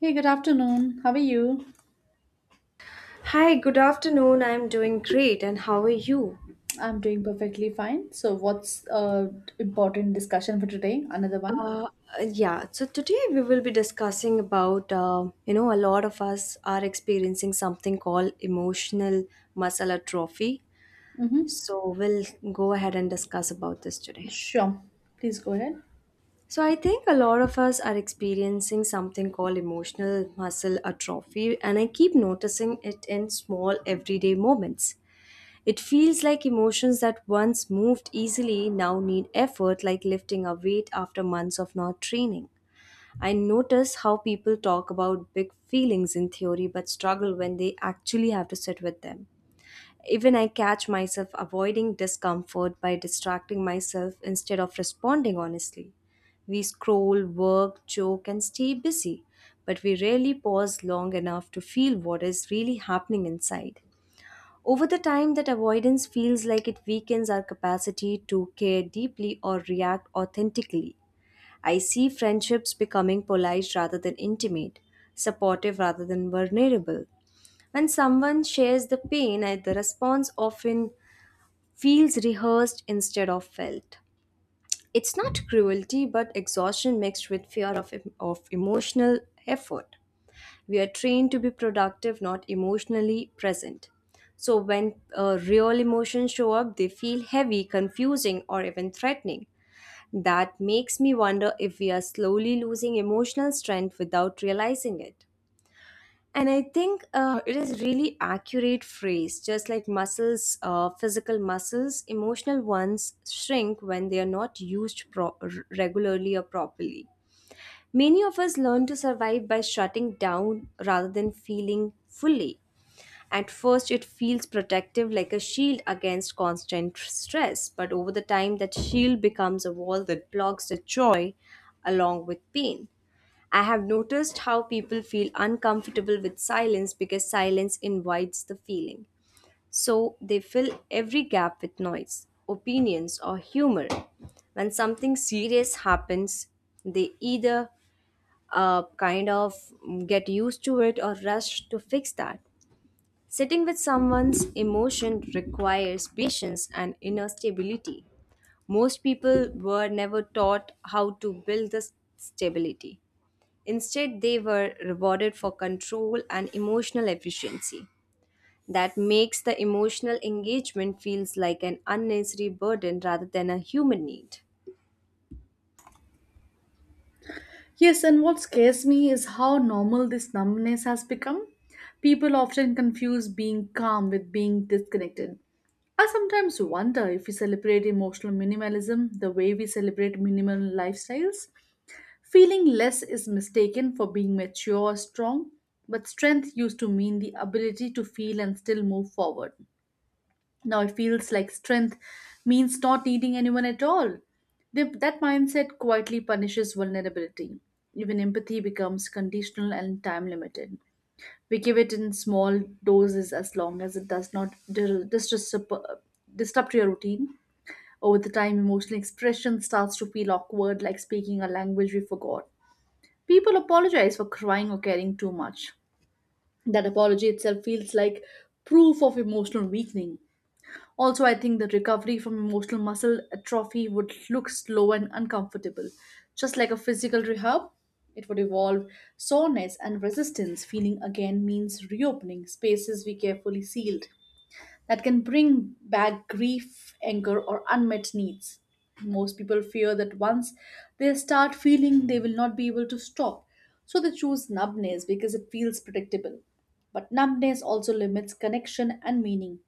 Hey, good afternoon. How are you? Hi, good afternoon. I'm doing great, and how are you? I'm doing perfectly fine. So, what's important discussion for today? Another one? Uh, yeah, so today we will be discussing about a lot of us are experiencing something called emotional muscle atrophy. Mm-hmm. So we'll go ahead and discuss about this today. Sure. Please go ahead. So I think a lot of us are experiencing something called emotional muscle atrophy, and I keep noticing it in small everyday moments. It feels like emotions that once moved easily now need effort, like lifting a weight after months of not training. I notice how people talk about big feelings in theory but struggle when they actually have to sit with them. Even I catch myself avoiding discomfort by distracting myself instead of responding honestly. We scroll, work, joke, and stay busy, but we rarely pause long enough to feel what is really happening inside. Over the time, that avoidance feels like it weakens our capacity to care deeply or react authentically. I see friendships becoming polite rather than intimate, supportive rather than vulnerable. When someone shares the pain, the response often feels rehearsed instead of felt. It's not cruelty, but exhaustion mixed with fear of emotional effort. We are trained to be productive, not emotionally present. So when real emotions show up, they feel heavy, confusing, or even threatening. That makes me wonder if we are slowly losing emotional strength without realizing it. And I think it is really accurate phrase, just like muscles, physical muscles, emotional ones shrink when they are not used regularly or properly. Many of us learn to survive by shutting down rather than feeling fully. At first, it feels protective like a shield against constant stress, but over the time, that shield becomes a wall that blocks the joy along with pain. I have noticed how people feel uncomfortable with silence because silence invites the feeling. So they fill every gap with noise, opinions, or humor. When something serious happens, they either kind of get used to it or rush to fix that. Sitting with someone's emotion requires patience and inner stability. Most people were never taught how to build this stability. Instead, they were rewarded for control and emotional efficiency. That makes the emotional engagement feels like an unnecessary burden rather than a human need. Yes, and what scares me is how normal this numbness has become. People often confuse being calm with being disconnected. I sometimes wonder if we celebrate emotional minimalism the way we celebrate minimal lifestyles. Feeling less is mistaken for being mature or strong, but strength used to mean the ability to feel and still move forward. Now it feels like strength means not needing anyone at all. That mindset quietly punishes vulnerability. Even empathy becomes conditional and time limited. We give it in small doses as long as it does not disrupt your routine. Over the time, emotional expression starts to feel awkward, like speaking a language we forgot. People apologize for crying or caring too much. That apology itself feels like proof of emotional weakening. Also, I think the recovery from emotional muscle atrophy would look slow and uncomfortable. Just like a physical rehab, it would involve soreness and resistance. Feeling again means reopening spaces we carefully sealed that can bring back grief, anger, or unmet needs. Most people fear that once they start feeling, they will not be able to stop. So they choose numbness because it feels predictable. But numbness also limits connection and meaning.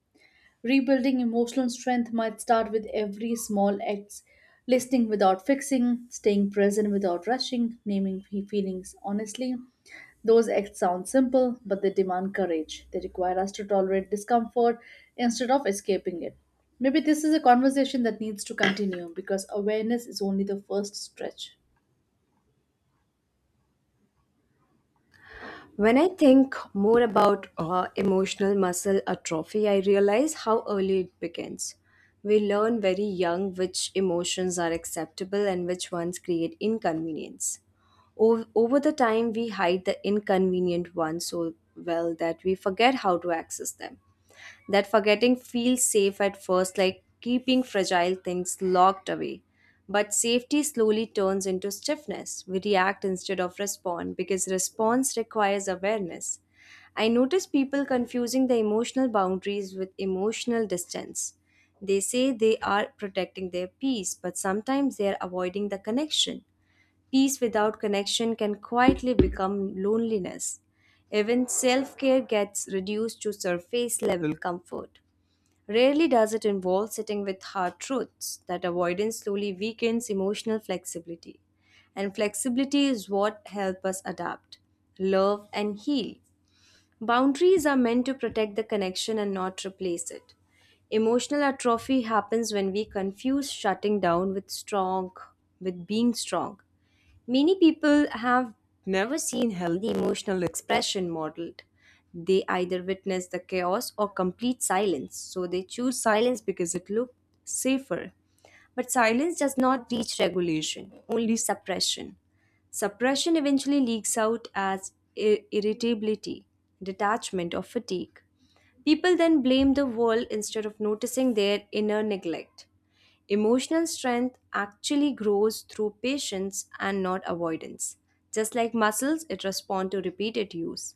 Rebuilding emotional strength might start with every small act: listening without fixing, staying present without rushing, naming feelings honestly. Those acts sound simple, but they demand courage. They require us to tolerate discomfort instead of escaping it. Maybe this is a conversation that needs to continue because awareness is only the first stretch. When I think more about emotional muscle atrophy, I realize how early it begins. We learn very young which emotions are acceptable and which ones create inconvenience. Over the time, we hide the inconvenient ones so well that we forget how to access them. That forgetting feels safe at first, like keeping fragile things locked away. But safety slowly turns into stiffness. We react instead of respond because response requires awareness. I notice people confusing the emotional boundaries with emotional distance. They say they are protecting their peace, but sometimes they are avoiding the connection. Peace without connection can quietly become loneliness. Even self care gets reduced to surface level comfort. Rarely does it involve sitting with hard truths. That avoidance slowly weakens emotional flexibility. And flexibility is what helps us adapt, love, and heal. Boundaries are meant to protect the connection and not replace it. Emotional atrophy happens when we confuse shutting down with being strong. Many people have never seen healthy emotional expression modeled. They either witness the chaos or complete silence. So they choose silence because it looks safer. But silence does not reach regulation, only suppression. Suppression eventually leaks out as irritability, detachment, or fatigue. People then blame the world instead of noticing their inner neglect. Emotional strength actually grows through patience and not avoidance. Just like muscles, it responds to repeated use.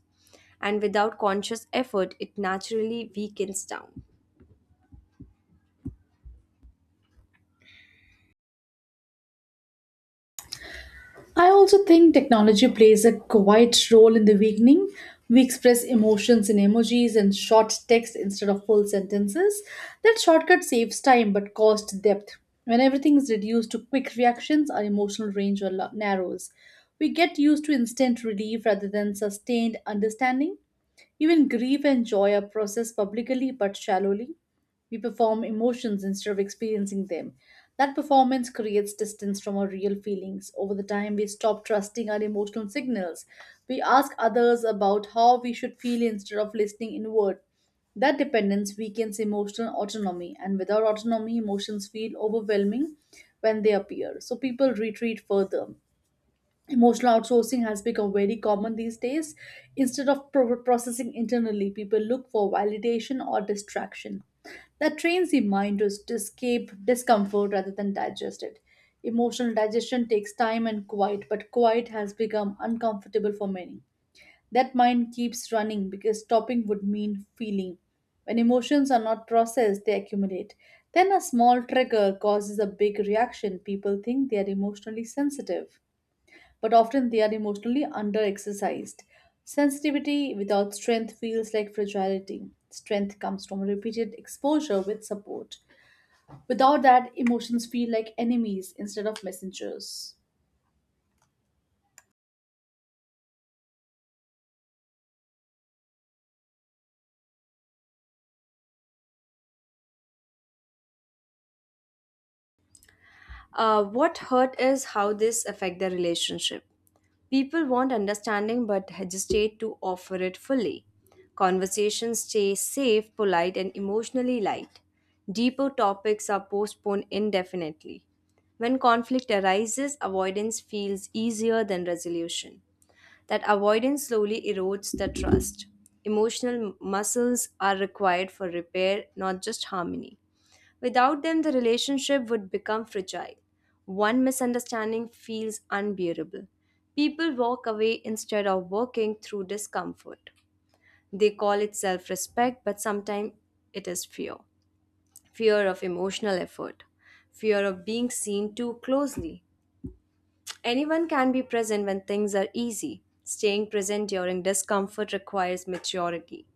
And without conscious effort, it naturally weakens down. I also think technology plays a quiet role in the weakening. We express emotions in emojis and short text instead of full sentences. That shortcut saves time but costs depth. When everything is reduced to quick reactions, our emotional narrows. We get used to instant relief rather than sustained understanding. Even grief and joy are processed publicly but shallowly. We perform emotions instead of experiencing them. That performance creates distance from our real feelings. Over the time, we stop trusting our emotional signals. We ask others about how we should feel instead of listening inward. That dependence weakens emotional autonomy, and without autonomy, emotions feel overwhelming when they appear. So people retreat further. Emotional outsourcing has become very common these days. Instead of processing internally, people look for validation or distraction. That trains the mind to escape discomfort rather than digest it. Emotional digestion takes time and quiet, but quiet has become uncomfortable for many. That mind keeps running because stopping would mean feeling. When emotions are not processed, they accumulate. Then a small trigger causes a big reaction. People think they are emotionally sensitive but often they are emotionally underexercised. Sensitivity without strength feels like fragility. Strength comes from repeated exposure with support. Without that, emotions feel like enemies instead of messengers. What hurt is how this affect the relationship. People want understanding but hesitate to offer it fully. Conversations stay safe, polite, and emotionally light. Deeper topics are postponed indefinitely. When conflict arises, avoidance feels easier than resolution. That avoidance slowly erodes the trust. Emotional muscles are required for repair, not just harmony. Without them, the relationship would become fragile. One misunderstanding feels unbearable. People walk away instead of working through discomfort. They call it self respect, but sometimes it is fear, of emotional effort, fear of being seen too closely. Anyone can be present when things are easy. Staying present during discomfort requires maturity.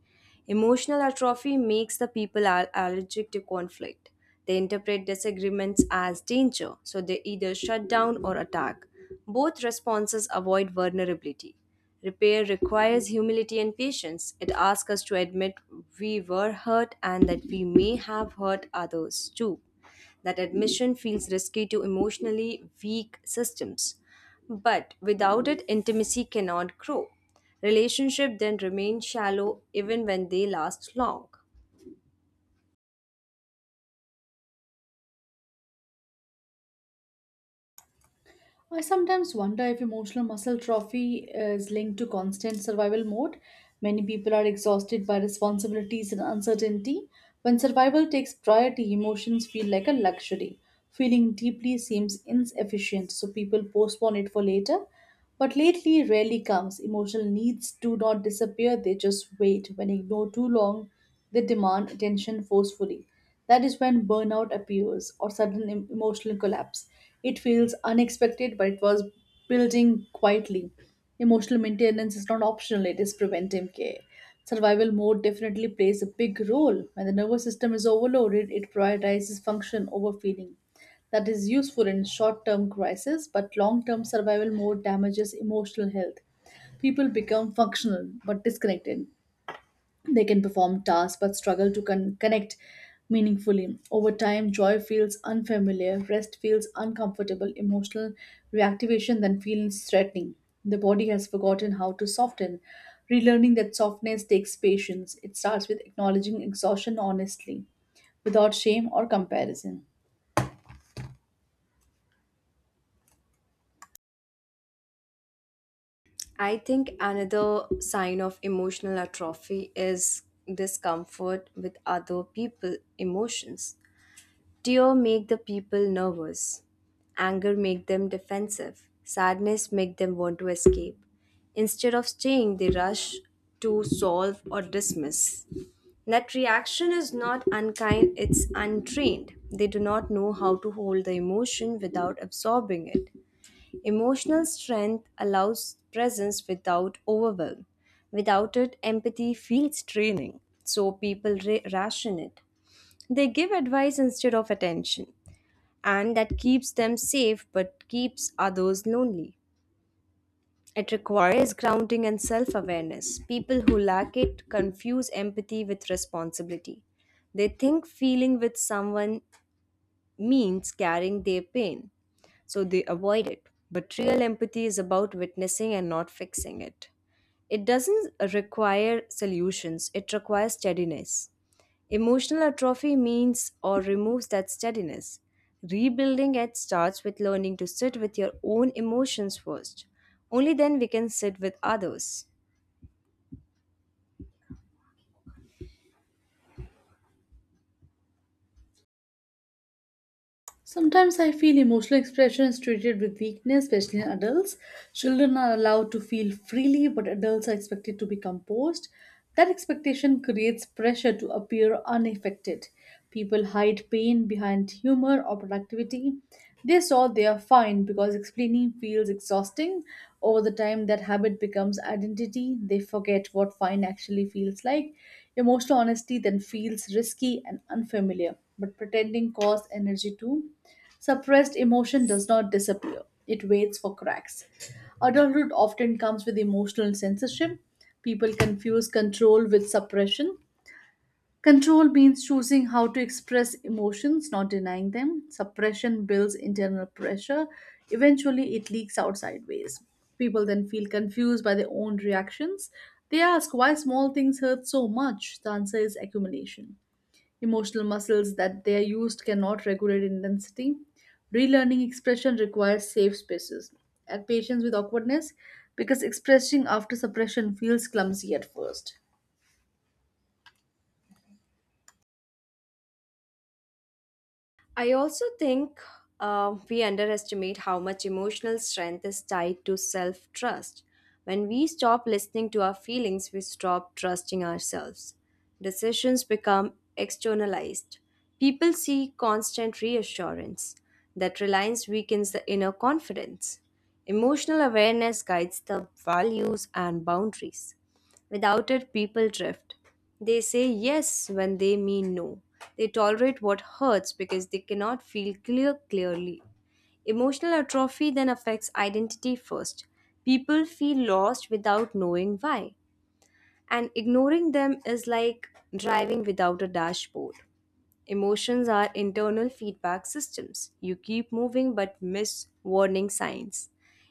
Emotional atrophy makes the people allergic to conflict. They interpret disagreements as danger, so they either shut down or attack. Both responses avoid vulnerability. Repair requires humility and patience. It asks us to admit we were hurt and that we may have hurt others too. That admission feels risky to emotionally weak systems. But without it, intimacy cannot grow. Relationship then remain shallow even when they last long. I sometimes wonder if emotional muscle trophy is linked to constant survival mode. Many people are exhausted by responsibilities and uncertainty. When survival takes priority, emotions feel like a luxury. Feeling deeply seems insufficient, so people postpone it for later. But lately rarely comes. Emotional needs do not disappear, they just wait. When ignored too long, they demand attention forcefully. That is when burnout appears or sudden emotional collapse. It feels unexpected, but it was building quietly. Emotional maintenance is not optional, it is preventive care. Survival mode definitely plays a big role. When the nervous system is overloaded, it prioritizes function over feeling that is useful in short term crisis, but long term survival mode damages emotional health. People become functional but disconnected. They can perform tasks but struggle to connect meaningfully. Over time, joy feels unfamiliar, rest feels uncomfortable, emotional reactivation then feels threatening. The body has forgotten how to soften. Relearning that softness takes patience. It starts with acknowledging exhaustion honestly, without shame or comparison. I think another sign of emotional atrophy is discomfort with other people' emotions. Tear make the people nervous. Anger make them defensive. Sadness make them want to escape. Instead of staying, they rush to solve or dismiss. That reaction is not unkind, it's untrained. They do not know how to hold the emotion without absorbing it. Emotional strength allows presence without overwhelm. Without it, empathy feels draining, so people ration it. They give advice instead of attention, and that keeps them safe but keeps others lonely. It requires grounding and self awareness. People who lack it confuse empathy with responsibility. They think feeling with someone means carrying their pain, so they avoid it. But real empathy is about witnessing and not fixing it. It doesn't require solutions, it requires steadiness. Emotional atrophy means or removes that steadiness. Rebuilding it starts with learning to sit with your own emotions first. Only then we can sit with others. Sometimes I feel emotional expression is treated with weakness, especially in adults. Children are allowed to feel freely, but adults are expected to be composed. That expectation creates pressure to appear unaffected. People hide pain behind humor or productivity. They solve they are fine because explaining feels exhausting. Over the time, that habit becomes identity. They forget what fine actually feels like. Emotional honesty then feels risky and unfamiliar, but pretending costs energy too. Suppressed emotion does not disappear, it waits for cracks. Adulthood often comes with emotional censorship. People confuse control with suppression. Control means choosing how to express emotions, not denying them. Suppression builds internal pressure. Eventually, it leaks out sideways. People then feel confused by their own reactions. They ask why small things hurt so much. The answer is accumulation. Emotional muscles that they are used cannot regulate intensity. Relearning expression requires safe spaces and patience with awkwardness because expressing after suppression feels clumsy at first. I also think we underestimate how much emotional strength is tied to self trust. When we stop listening to our feelings, we stop trusting ourselves. Decisions become externalized. People seek constant reassurance. That reliance weakens the inner confidence. Emotional awareness guides the values and boundaries. Without it, people drift. They say yes when they mean no. They tolerate what hurts because they cannot feel clear clearly. Emotional atrophy then affects identity first. People feel lost without knowing why. And ignoring them is like driving without a dashboard. Emotions are internal feedback systems. You keep moving but miss warning signs.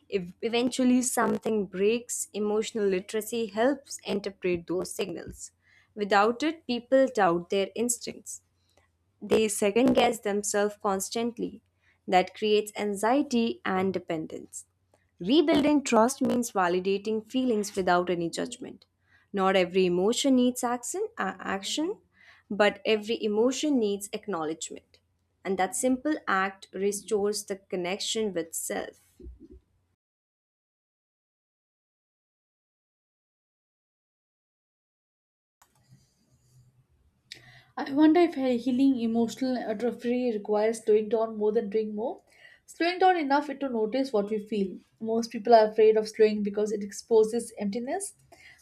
If eventually something breaks, emotional literacy helps interpret those signals. Without it, people doubt their instincts. They second guess themselves constantly. That creates anxiety and dependence. Rebuilding trust means validating feelings without any judgment. Not every emotion needs action, but every emotion needs acknowledgement. And that simple act restores the connection with self. I wonder if healing emotional atrophy requires slowing down more than doing more. Slowing down enough to notice what we feel. Most people are afraid of slowing because it exposes emptiness,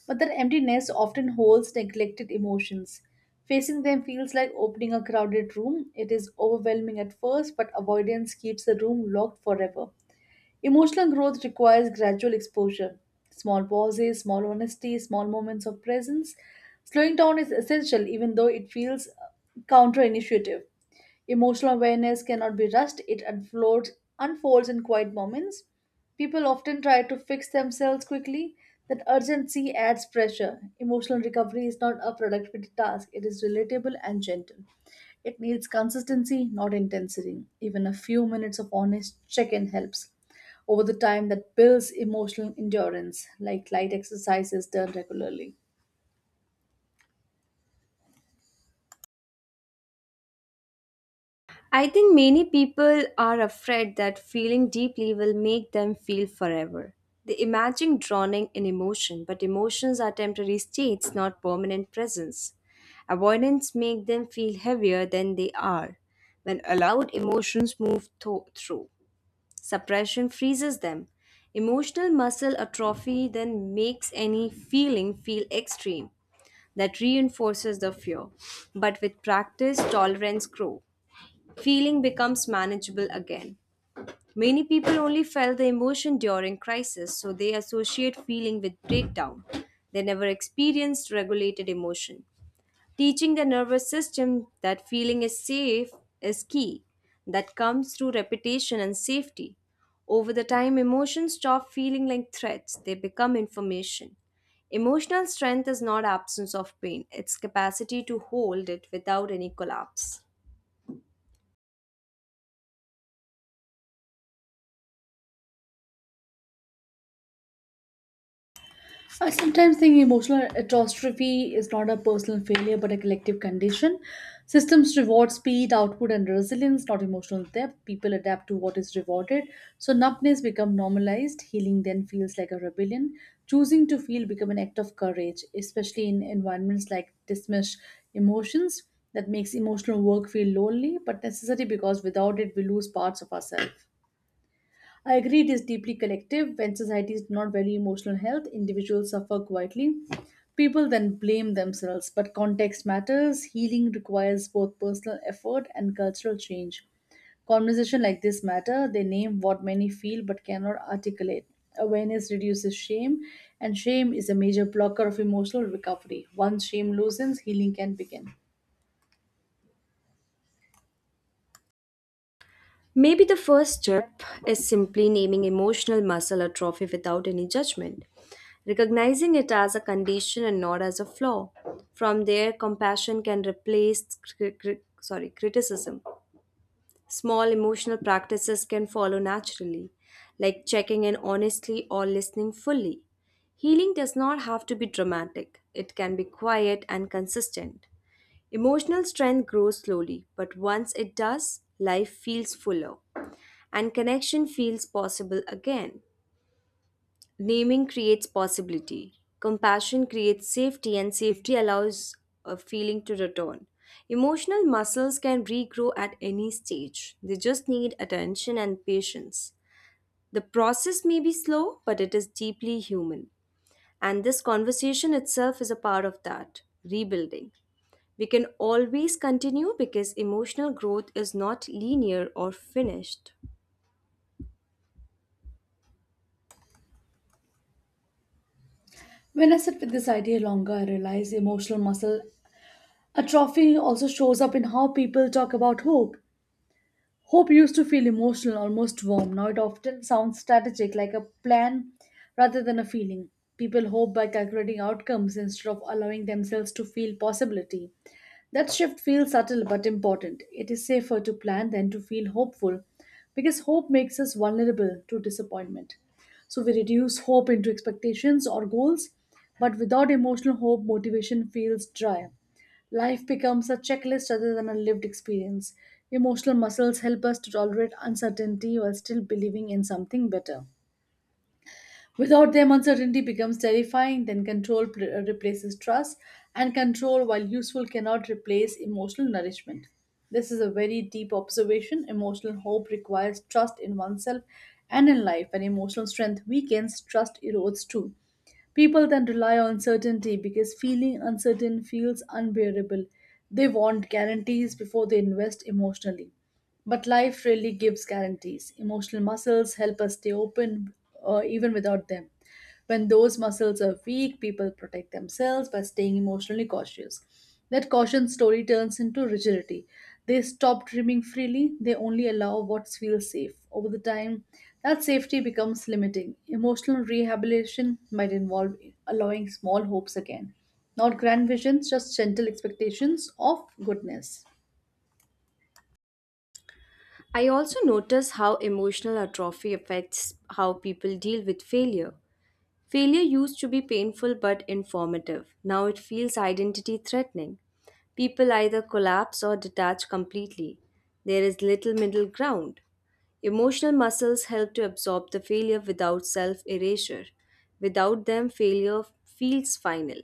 but that emptiness often holds neglected emotions. Facing them feels like opening a crowded room. It is overwhelming at first, but avoidance keeps the room locked forever. Emotional growth requires gradual exposure. Small pauses, small honesty, small moments of presence. Slowing down is essential, even though it feels counterintuitive. Emotional awareness cannot be rushed, it unfolds in quiet moments. People often try to fix themselves quickly. That urgency adds pressure. Emotional recovery is not a productivity task, it is relatable and gentle. It needs consistency, not intensity. Even a few minutes of honest check in helps. Over the time, that builds emotional endurance, like light exercises done regularly. I think many people are afraid that feeling deeply will make them feel forever. They imagine drowning in emotion, but emotions are temporary states, not permanent presence. Avoidance makes them feel heavier than they are. When allowed, emotions move through. Suppression freezes them. Emotional muscle atrophy then makes any feeling feel extreme. That reinforces the fear. But with practice, tolerance grows. Feeling becomes manageable again. Many people only felt the emotion during crisis, so they associate feeling with breakdown. They never experienced regulated emotion. Teaching the nervous system that feeling is safe is key. That comes through repetition and safety. Over the time, emotions stop feeling like threats, they become information. Emotional strength is not absence of pain, it's capacity to hold it without any collapse. I sometimes think emotional atrophy is not a personal failure but a collective condition. Systems reward speed, output, and resilience, not emotional depth. People adapt to what is rewarded, so numbness becomes normalized. Healing then feels like a rebellion. Choosing to feel becomes an act of courage, especially in environments like dismiss emotions that makes emotional work feel lonely but necessary because without it we lose parts of ourselves. I agree it is deeply collective. When societies do not value emotional health, individuals suffer quietly. People then blame themselves, but context matters. Healing requires both personal effort and cultural change. Conversation like this matter, they name what many feel but cannot articulate. Awareness reduces shame, and shame is a major blocker of emotional recovery. Once shame loosens, healing can begin. Maybe the first step is simply naming emotional muscle atrophy without any judgment, recognizing it as a condition and not as a flaw. From there, compassion can replace criticism. Small emotional practices can follow naturally, like checking in honestly or listening fully. Healing does not have to be dramatic, it can be quiet and consistent. Emotional strength grows slowly, but once it does, life feels fuller and connection feels possible again. Naming creates possibility. Compassion creates safety, and safety allows a feeling to return. Emotional muscles can regrow at any stage, they just need attention and patience. The process may be slow, but it is deeply human. And this conversation itself is a part of that rebuilding. We can always continue because emotional growth is not linear or finished. When I sit with this idea longer, I realize emotional muscle atrophy also shows up in how people talk about hope. Hope used to feel emotional, almost warm. Now it often sounds strategic, like a plan rather than a feeling. People hope by calculating outcomes instead of allowing themselves to feel possibility. That shift feels subtle but important. It is safer to plan than to feel hopeful because hope makes us vulnerable to disappointment. So we reduce hope into expectations or goals, but without emotional hope, motivation feels dry. Life becomes a checklist rather than a lived experience. Emotional muscles help us to tolerate uncertainty while still believing in something better. Without them, uncertainty becomes terrifying, then control replaces trust, and control, while useful, cannot replace emotional nourishment. This is a very deep observation. Emotional hope requires trust in oneself and in life. When emotional strength weakens, trust erodes too. People then rely on certainty because feeling uncertain feels unbearable. They want guarantees before they invest emotionally. But life really gives guarantees. Emotional muscles help us stay open even without them. When those muscles are weak, people protect themselves by staying emotionally cautious. That caution story turns into rigidity. They stop dreaming freely, they only allow what feels safe. Over the time, that safety becomes limiting. Emotional rehabilitation might involve allowing small hopes again, not grand visions, just gentle expectations of goodness. I also notice how emotional atrophy affects how people deal with failure. Failure used to be painful but informative. Now it feels identity threatening. People either collapse or detach completely. There is little middle ground. Emotional muscles help to absorb the failure without self erasure. Without them, failure feels final.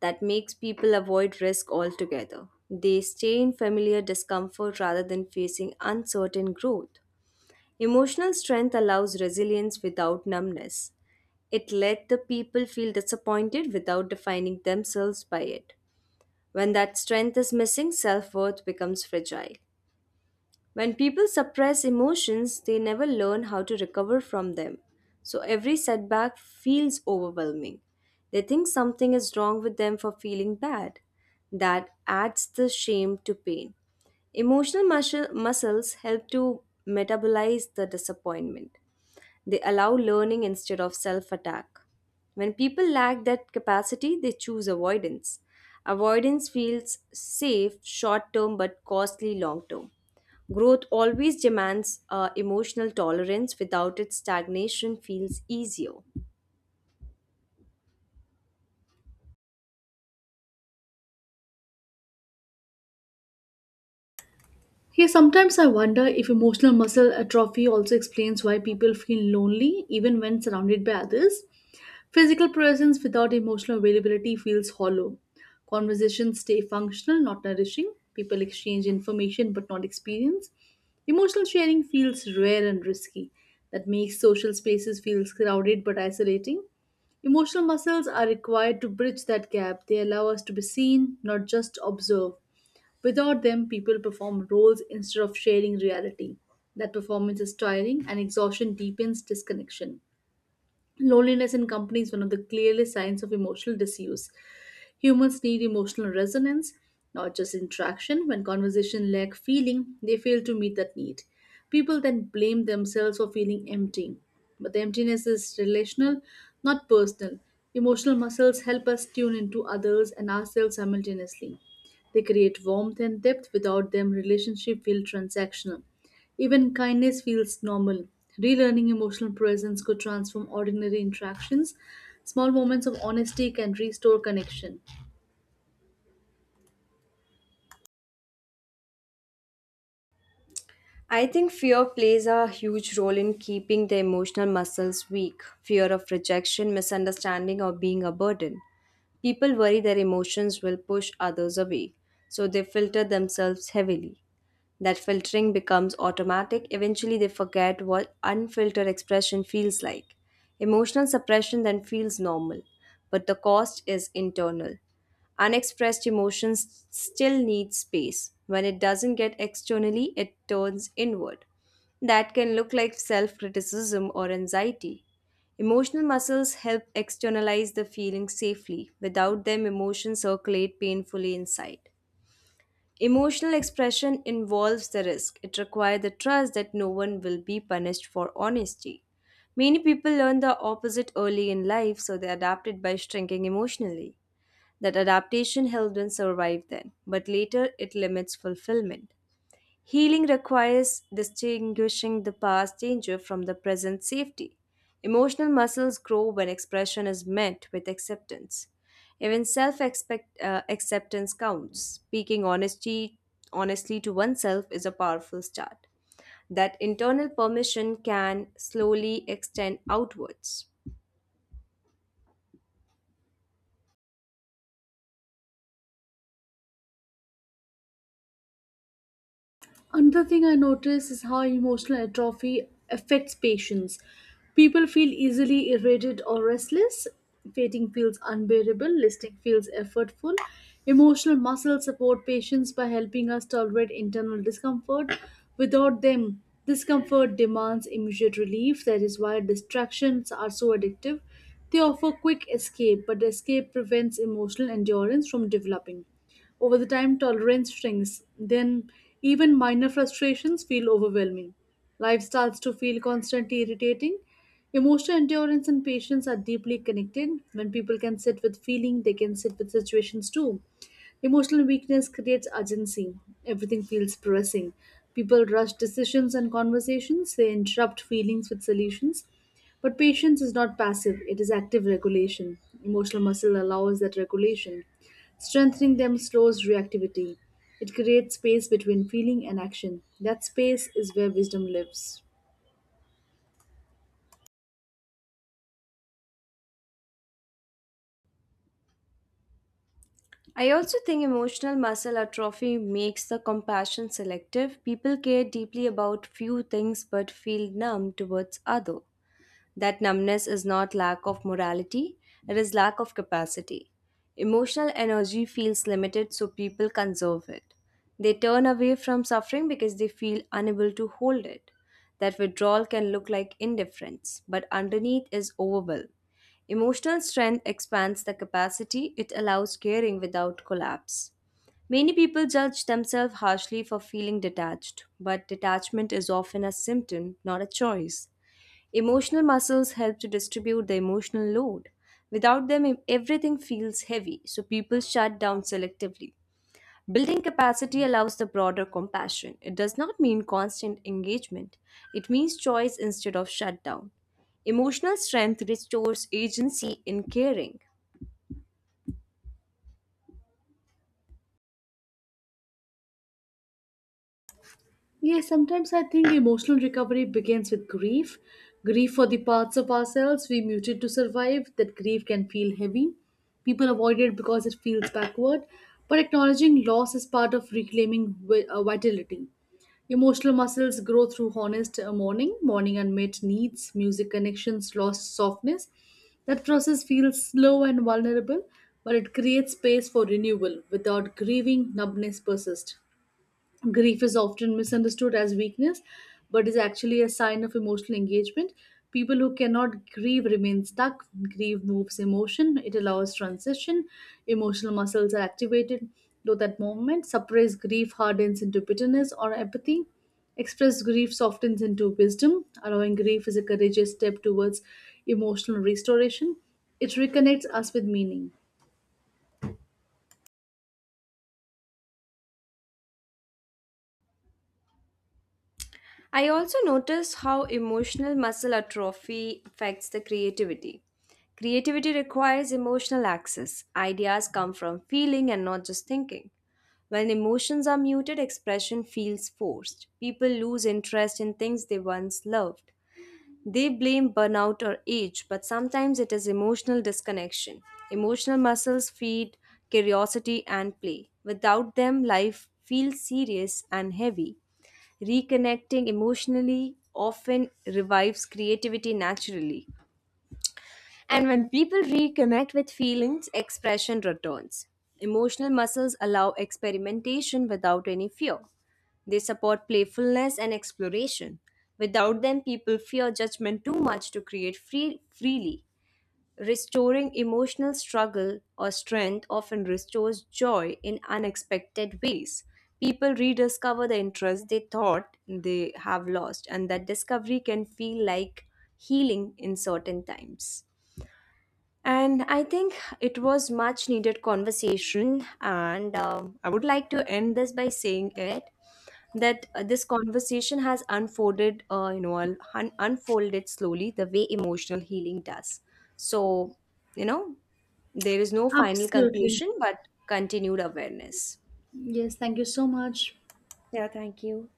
That makes people avoid risk altogether. They stay in familiar discomfort rather than facing uncertain growth. Emotional strength allows resilience without numbness. It let the people feel disappointed without defining themselves by it. When that strength is missing, self worth becomes fragile. When people suppress emotions, they never learn how to recover from them. So every setback feels overwhelming. They think something is wrong with them for feeling bad. That adds the shame to pain. Muscles help to metabolize the disappointment. They allow learning instead of self attack. When people lack that capacity, they choose avoidance. Avoidance feels safe short term but costly long term. Growth always demands emotional tolerance, without it, stagnation feels easier. Hey, sometimes I wonder if emotional muscle atrophy also explains why people feel lonely even when surrounded by others. Physical presence without emotional availability feels hollow. Conversations stay functional, not nourishing. People exchange information but not experience. Emotional sharing feels rare and risky. That makes social spaces feel crowded but isolating. Emotional muscles are required to bridge that gap. They allow us to be seen, not just observed. Without them, people perform roles instead of sharing reality. That performance is tiring and exhaustion deepens disconnection. Loneliness in company is one of the clearest signs of emotional disuse. Humans need emotional resonance, not just interaction. When conversation lack feeling, they fail to meet that need. People then blame themselves for feeling empty. But the emptiness is relational, not personal. Emotional muscles help us tune into others and ourselves simultaneously. They create warmth and depth. Without them, relationship feel transactional. Even kindness feels normal. Relearning emotional presence could transform ordinary interactions. Small moments of honesty can restore connection. I think fear plays a huge role in keeping the emotional muscles weak. Fear of rejection, misunderstanding, or being a burden. People worry their emotions will push others away, so they filter themselves heavily. That filtering becomes automatic. Eventually, they forget what unfiltered expression feels like. Emotional suppression then feels normal, but the cost is internal. Unexpressed emotions still need space. When it doesn't get externally, it turns inward. That can look like self criticism or anxiety. Emotional muscles help externalize the feelings safely. Without them, emotions circulate painfully inside. Emotional expression involves the risk. It requires the trust that no one will be punished for honesty. Many people learn the opposite early in life, so they adapted by shrinking emotionally. That adaptation helped them survive then, but later it limits fulfillment. Healing requires distinguishing the past danger from the present safety. Emotional muscles grow when expression is met with acceptance. Even self acceptance counts. Honestly to oneself is a powerful start. That internal permission can slowly extend outwards. Another thing I notice is how emotional atrophy affects patients. People feel easily irritated or restless. Fainting feels unbearable. Listing feels effortful. Emotional muscles support patients by helping us tolerate internal discomfort. Without them, discomfort demands immediate relief. That is why distractions are so addictive. They offer quick escape, but escape prevents emotional endurance from developing. Over the time, tolerance shrinks. Then, even minor frustrations feel overwhelming. Life starts to feel constantly irritating. Emotional endurance and patience are deeply connected. When people can sit with feeling, they can sit with situations too. Emotional weakness creates urgency. Everything feels pressing. People rush decisions and conversations. They interrupt feelings with solutions. But patience is not passive, it is active regulation. Emotional muscle allows that regulation. Strengthening them slows reactivity. It creates space between feeling and action. That space is where wisdom lives. I also think emotional muscle atrophy makes the compassion selective. People care deeply about few things but feel numb towards others. That numbness is not lack of morality, it is lack of capacity. Emotional energy feels limited, so people conserve it. They turn away from suffering because they feel unable to hold it. That withdrawal can look like indifference, but underneath is overwhelm. Emotional strength expands the capacity it allows caring without collapse. Many people judge themselves harshly for feeling detached, but detachment is often a symptom, not a choice. Emotional muscles help to distribute the emotional load. Without them, everything feels heavy, so people shut down selectively. Building capacity allows the broader compassion. It does not mean constant engagement, it means choice instead of shutdown. Emotional strength restores agency in caring. Yes, sometimes I think emotional recovery begins with grief. Grief for the parts of ourselves we muted to survive. That grief can feel heavy. People avoid it because it feels backward. But acknowledging loss is part of reclaiming vitality. Emotional muscles grow through honest mourning, mourning unmet needs, music connections, lost softness. That process feels slow and vulnerable, but it creates space for renewal. Without grieving, numbness persists. Grief is often misunderstood as weakness, but is actually a sign of emotional engagement. People who cannot grieve remain stuck. Grief moves emotion, it allows transition, emotional muscles are activated. Though that moment, suppressed grief hardens into bitterness or apathy. Expressed grief softens into wisdom. Allowing grief is a courageous step towards emotional restoration. It reconnects us with meaning. I also notice how emotional muscle atrophy affects the creativity. Creativity requires emotional access. Ideas come from feeling and not just thinking. When emotions are muted, expression feels forced. People lose interest in things they once loved. They blame burnout or age, but sometimes it is emotional disconnection. Emotional muscles feed curiosity and play. Without them, life feels serious and heavy. Reconnecting emotionally often revives creativity naturally. And when people reconnect with feelings, expression returns. Emotional muscles allow experimentation without any fear. They support playfulness and exploration. Without them, people fear judgment too much to freely. Restoring emotional struggle or strength often restores joy in unexpected ways. People rediscover the interest they thought they have lost, and that discovery can feel like healing in certain times. And I think it was much needed conversation. And I would like to end this by saying it that this conversation has unfolded, you know, un- unfolded slowly the way emotional healing does. So, you know, there is no final Absolutely. conclusion, but continued awareness. Yes, thank you so much. Yeah, thank you.